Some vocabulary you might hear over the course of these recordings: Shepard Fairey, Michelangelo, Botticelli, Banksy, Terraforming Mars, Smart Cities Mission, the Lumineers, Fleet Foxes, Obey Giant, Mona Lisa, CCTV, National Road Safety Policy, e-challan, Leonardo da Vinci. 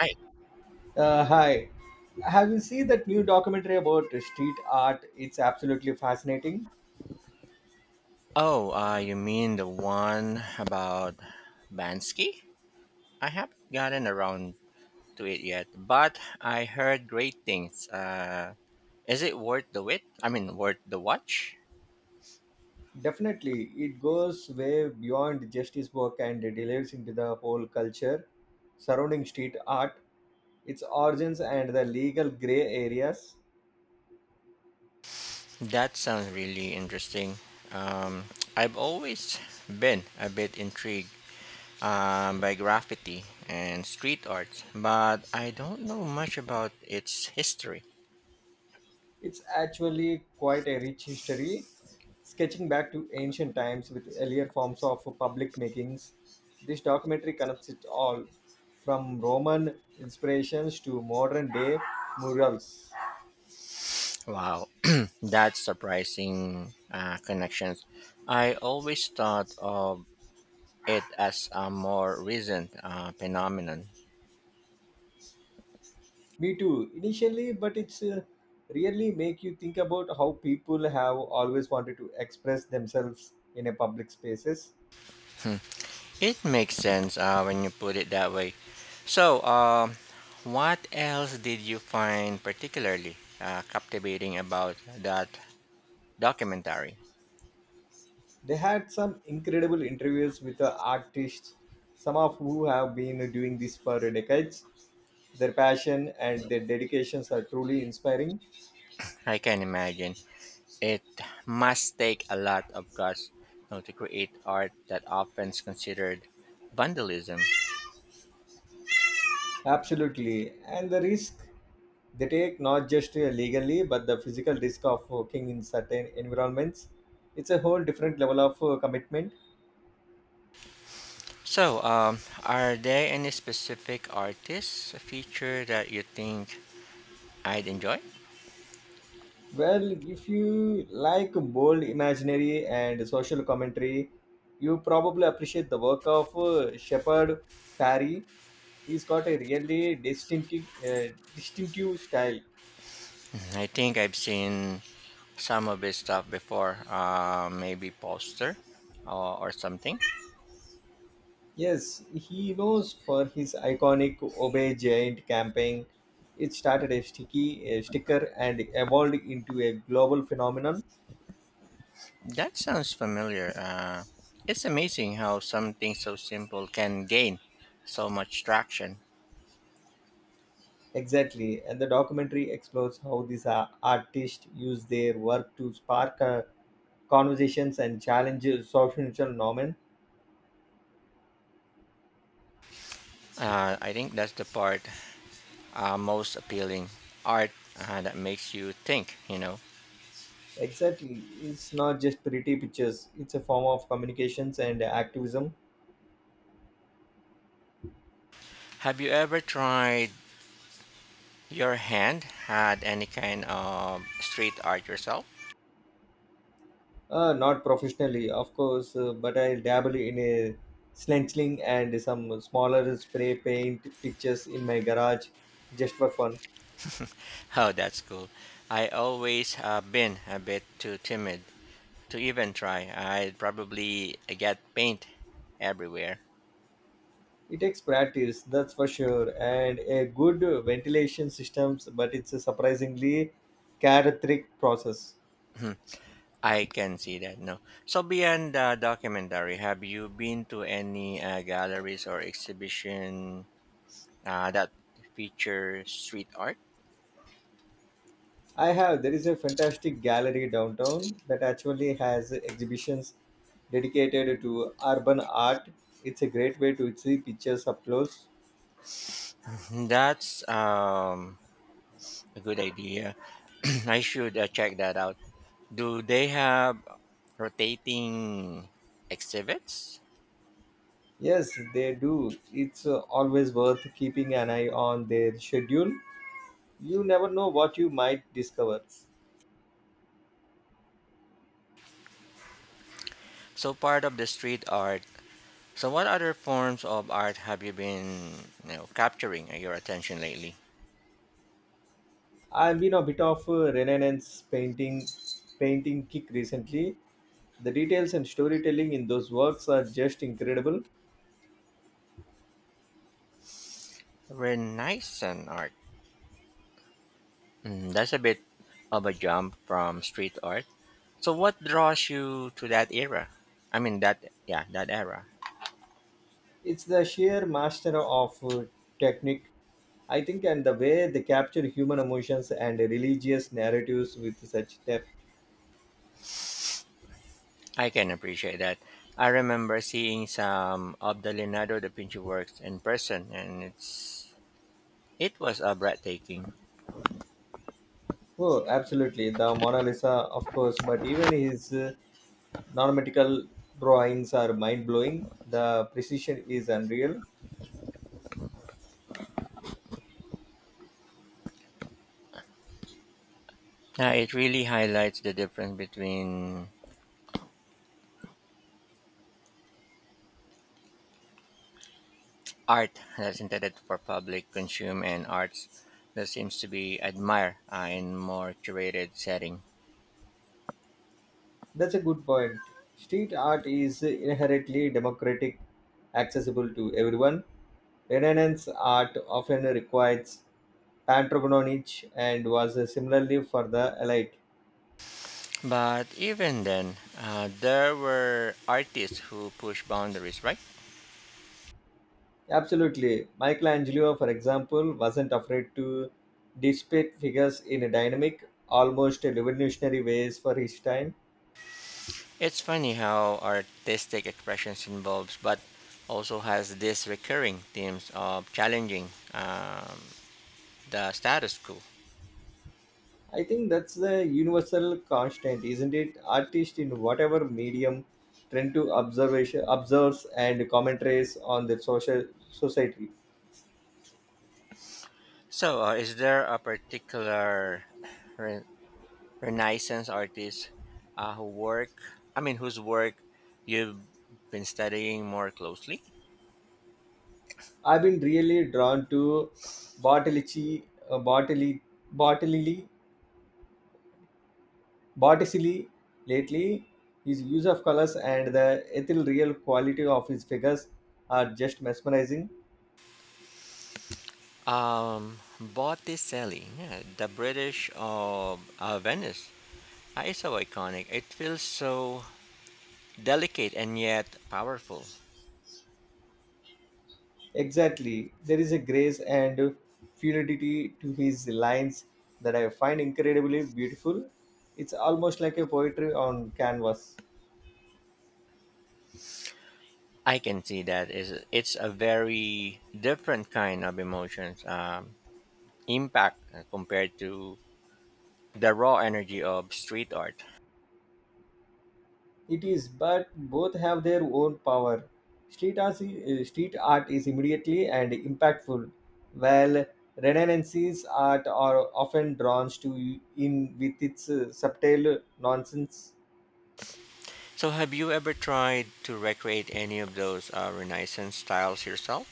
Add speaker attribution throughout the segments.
Speaker 1: Right.
Speaker 2: Hi. Have you seen that new documentary about street art? It's absolutely fascinating.
Speaker 1: Oh, you mean the one about Bansky? I haven't gotten around to it yet, but I heard great things. Is it worth the wait? I mean, worth the watch?
Speaker 2: Definitely, it goes way beyond just his work, and it delves into the whole culture surrounding street art, its origins, and the legal gray areas.
Speaker 1: That sounds really interesting. Um, I've always been a bit intrigued by graffiti and street art, but I don't know much about its history.
Speaker 2: It's actually quite a rich history, sketching back to ancient times with earlier forms of public makings. This documentary connects it all, from Roman inspirations to modern day murals.
Speaker 1: Wow, that's surprising connections. I always thought of it as a more recent phenomenon.
Speaker 2: Me too, initially, but it's really make you think about how people have always wanted to express themselves in a public spaces.
Speaker 1: It makes sense when you put it that way. So, what else did you find particularly captivating about that documentary?
Speaker 2: They had some incredible interviews with the artists, some of who have been doing this for decades. Their passion and their dedications are truly inspiring.
Speaker 1: I can imagine it must take a lot of guts, to create art that often is considered vandalism.
Speaker 2: Absolutely. And the risk they take, not just legally, but the physical risk of working in certain environments, it's a whole different level of commitment.
Speaker 1: So, are there any specific artists, a feature that you think I'd enjoy?
Speaker 2: Well, if you like bold imaginary and social commentary, you probably appreciate the work of Shepard Fairey. He's got a really distinctive uh, distinctive style.
Speaker 1: I think I've seen some of his stuff before, maybe poster or something.
Speaker 2: Yes, he knows for his iconic obey giant campaign. It started a sticker and evolved into a global phenomenon.
Speaker 1: That sounds familiar. It's amazing how something so simple can gain so much traction.
Speaker 2: Exactly, and the documentary explores how these artists use their work to spark conversations and challenge social norms.
Speaker 1: I think that's the part most appealing art that makes you think.
Speaker 2: Exactly, it's not just pretty pictures, it's a form of communications and activism.
Speaker 1: Have you ever tried your hand had any kind of street art yourself?
Speaker 2: Not professionally, of course, but I dabble in a stenciling and some smaller spray paint pictures in my garage just for fun.
Speaker 1: Oh, that's cool. I always been a bit too timid to even try. I'd probably get paint everywhere.
Speaker 2: It takes practice, that's for sure, and a good ventilation systems, but it's a surprisingly chaotic process.
Speaker 1: I can see that. No. So beyond the documentary, have you been to any galleries or exhibition that feature street art?
Speaker 2: I have. There is a fantastic gallery downtown that actually has exhibitions dedicated to urban art. It's a great way to see pictures up close.
Speaker 1: Hmm. That's a good idea. I should check that out. Do they have rotating exhibits?
Speaker 2: Yes, they do. It's always worth keeping an eye on their schedule. You never know what you might discover.
Speaker 1: So part of the street art. So what other forms of art have you been, capturing your attention lately?
Speaker 2: I've been a bit of a Renaissance painting kick recently. The details and storytelling in those works are just incredible.
Speaker 1: Renaissance art. Mm, that's a bit of a jump from street art. So what draws you to that era? I mean, that era.
Speaker 2: It's the sheer master of technique, I think, and the way they capture human emotions and religious narratives with such depth.
Speaker 1: I can appreciate that. I remember seeing some of the Leonardo da Vinci works in person and it was breathtaking.
Speaker 2: Oh, absolutely. The Mona Lisa, of course, but even his non-medical drawings are mind-blowing. The precision is unreal.
Speaker 1: It really highlights the difference between art that's intended for public consume and arts that seems to be admired in more curated setting.
Speaker 2: That's a good point. Street art is inherently democratic, accessible to everyone. Renaissance art often requires patronage and was similarly for the elite.
Speaker 1: But even then, there were artists who push boundaries, right?
Speaker 2: Absolutely. Michelangelo, for example, wasn't afraid to depict figures in a dynamic, almost revolutionary ways for his time.
Speaker 1: It's funny how artistic expressions involves, but also has these recurring themes of challenging the status quo.
Speaker 2: I think that's the universal constant, isn't it? Artists in whatever medium tend to observation observes and commentaries on their social society.
Speaker 1: So, is there a particular Renaissance artists uh, who work, I mean, whose work you've been studying more closely.
Speaker 2: I've been really drawn to Bartolucci, uh, Bartoli, Bartolilli, Botticelli lately. His use of colors and the ethereal quality of his figures are just mesmerizing.
Speaker 1: Botticelli, yeah, the British of Venice. It's so iconic. It feels so delicate and yet powerful.
Speaker 2: Exactly. There is a grace and fluidity to his lines that I find incredibly beautiful. It's almost like a poetry on canvas.
Speaker 1: I can see that is it's a very different kind of emotions impact compared to the raw energy of street art.
Speaker 2: It is, but both have their own power. Street art is immediately and impactful, while Renaissance's art are often drawn to in with its subtle nonsense.
Speaker 1: So, have you ever tried to recreate any of those Renaissance styles yourself?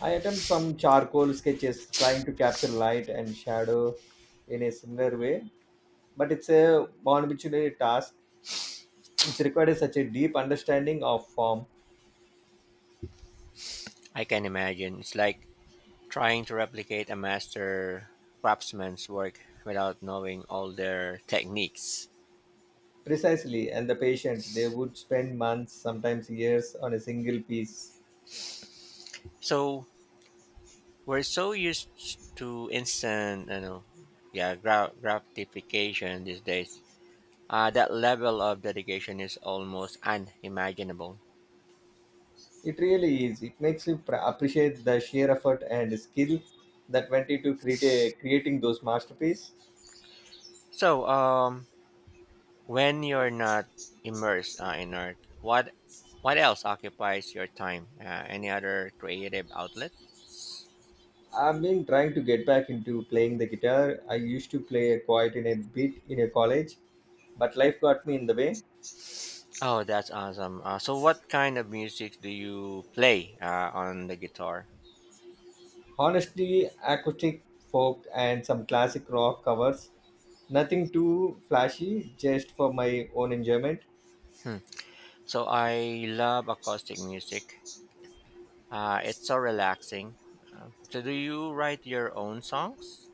Speaker 2: I attempt some charcoal sketches, trying to capture light and shadow in a similar way, but it's a non-obituary task. It required such a deep understanding of form,
Speaker 1: I can imagine. It's like trying to replicate a master craftsman's work without knowing all their techniques.
Speaker 2: precisely, and the patient. They would spend months, sometimes years, on a single piece.
Speaker 1: So, we're so used to instant, gratification these days. That level of dedication is almost unimaginable.
Speaker 2: It really is. It makes you appreciate the sheer effort and skill that went into creating those masterpieces.
Speaker 1: So, when you're not immersed in art, what else occupies your time? Any other creative outlet?
Speaker 2: I've been trying to get back into playing the guitar. I used to play quite in a bit in a college, but life got me in the way.
Speaker 1: Oh, that's awesome. So, what kind of music do you play on the guitar?
Speaker 2: Honestly, acoustic folk and some classic rock covers. Nothing too flashy, just for my own enjoyment.
Speaker 1: Hmm. So, I love acoustic music. It's so relaxing. So, do you write your own songs?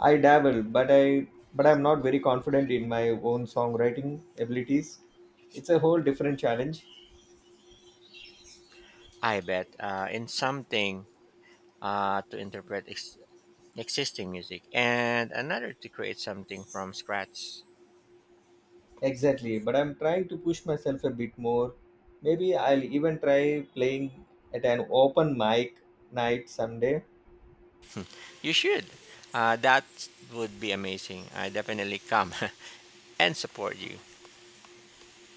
Speaker 2: I dabble, but I'm not very confident in my own songwriting abilities. It's a whole different challenge.
Speaker 1: I bet in something to interpret existing music, and another to create something from scratch.
Speaker 2: Exactly, but I'm trying to push myself a bit more. Maybe I'll even try playing at an open mic night someday.
Speaker 1: You should. That would be amazing. I definitely come and support you.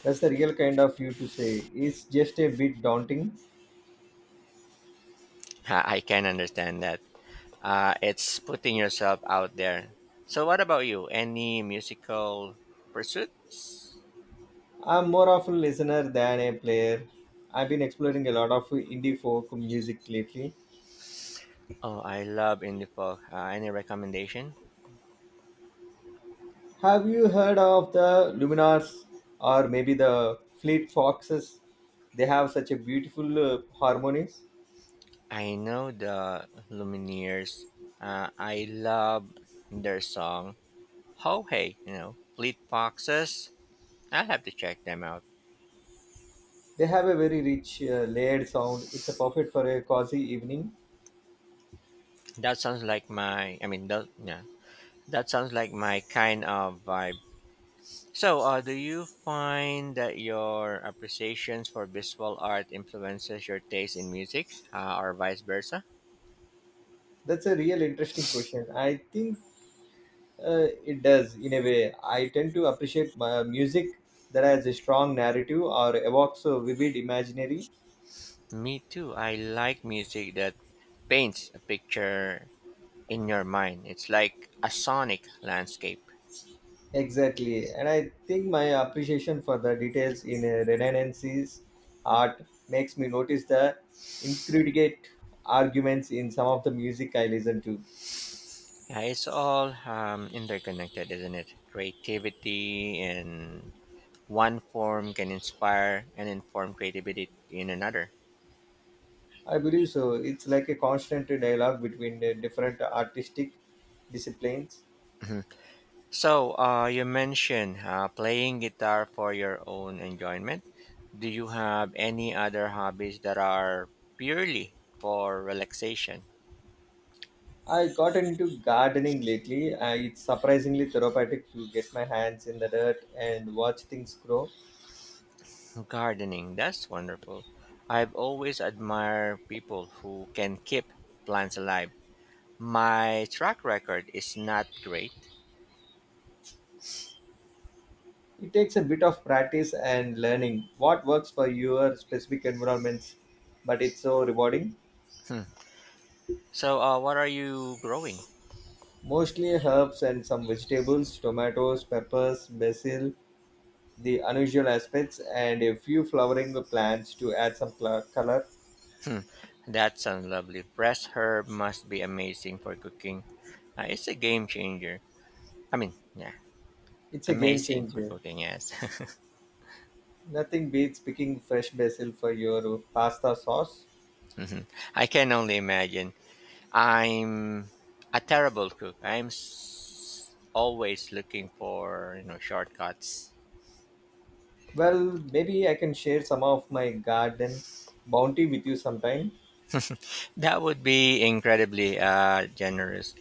Speaker 2: That's the real kind of you to say. It's just a bit daunting.
Speaker 1: I can understand that. It's putting yourself out there. So, what about you? Any musical pursuits?
Speaker 2: I'm more of a listener than a player. I've been exploring a lot of indie folk music lately.
Speaker 1: Oh, I love indie folk. Any recommendation?
Speaker 2: Have you heard of the Luminars or maybe the Fleet Foxes? They have such a beautiful harmonies.
Speaker 1: I know the Lumineers. I love their song "Ho Hey." You know, Fleet Foxes. I'll have to check them out.
Speaker 2: They have a very rich layered sound. It's a perfect for a cozy evening.
Speaker 1: That sounds like my. I mean, that sounds like my kind of vibe. So, do you find that your appreciations for visual art influences your taste in music, or vice versa?
Speaker 2: That's a real interesting question. I think it does in a way. I tend to appreciate music that has a strong narrative or evokes a vivid imaginary.
Speaker 1: Me too. I like music that paints a picture in your mind. It's like a sonic landscape.
Speaker 2: Exactly. And I think my appreciation for the details in Renaissance art makes me notice the intricate arguments in some of the music I listen to.
Speaker 1: Yeah, it's all interconnected, isn't it? Creativity in one form can inspire and inform creativity in another.
Speaker 2: I believe so. It's like a constant dialogue between the different artistic disciplines.
Speaker 1: So, you mentioned playing guitar for your own enjoyment. Do you have any other hobbies that are purely for relaxation?
Speaker 2: I got into gardening lately. It's surprisingly therapeutic to get my hands in the dirt and watch things grow.
Speaker 1: Gardening, that's wonderful. I've always admired people who can keep plants alive. My track record is not great.
Speaker 2: It takes a bit of practice and learning what works for your specific environments, but it's so rewarding.
Speaker 1: Hmm. So, what are you growing?
Speaker 2: Mostly herbs and some vegetables, tomatoes, peppers, basil, the unusual aspects, and a few flowering plants to add some color.
Speaker 1: Hmm. That sounds lovely. Fresh herb must be amazing for cooking. It's a game changer. I mean, yeah.
Speaker 2: It's a game
Speaker 1: Amazing for
Speaker 2: changer.
Speaker 1: cooking, yes.
Speaker 2: Nothing beats picking fresh basil for your pasta sauce.
Speaker 1: Mhm. I can only imagine. I'm a terrible cook. Always looking for, shortcuts.
Speaker 2: Well, maybe I can share some of my garden bounty with you sometime.
Speaker 1: That would be incredibly generous.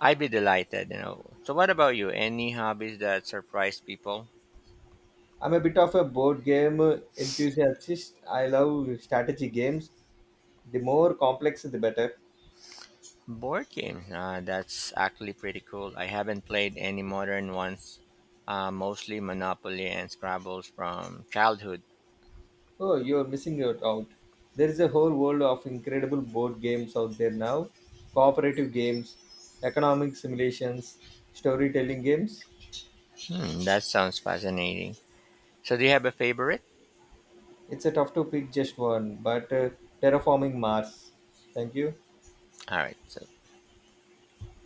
Speaker 1: I'd be delighted. So what about you? Any hobbies that surprise people?
Speaker 2: I'm a bit of a board game enthusiast. I love strategy games. The more complex, the better.
Speaker 1: Board games. That's actually pretty cool. I haven't played any modern ones. Mostly Monopoly and Scrabbles from childhood.
Speaker 2: Oh, you're missing it out. There is a whole world of incredible board games out there now: cooperative games, economic simulations, storytelling games.
Speaker 1: Hmm, that sounds fascinating. So do you have a favorite?
Speaker 2: It's a tough to pick just one, but Terraforming Mars. Thank you.
Speaker 1: All right. So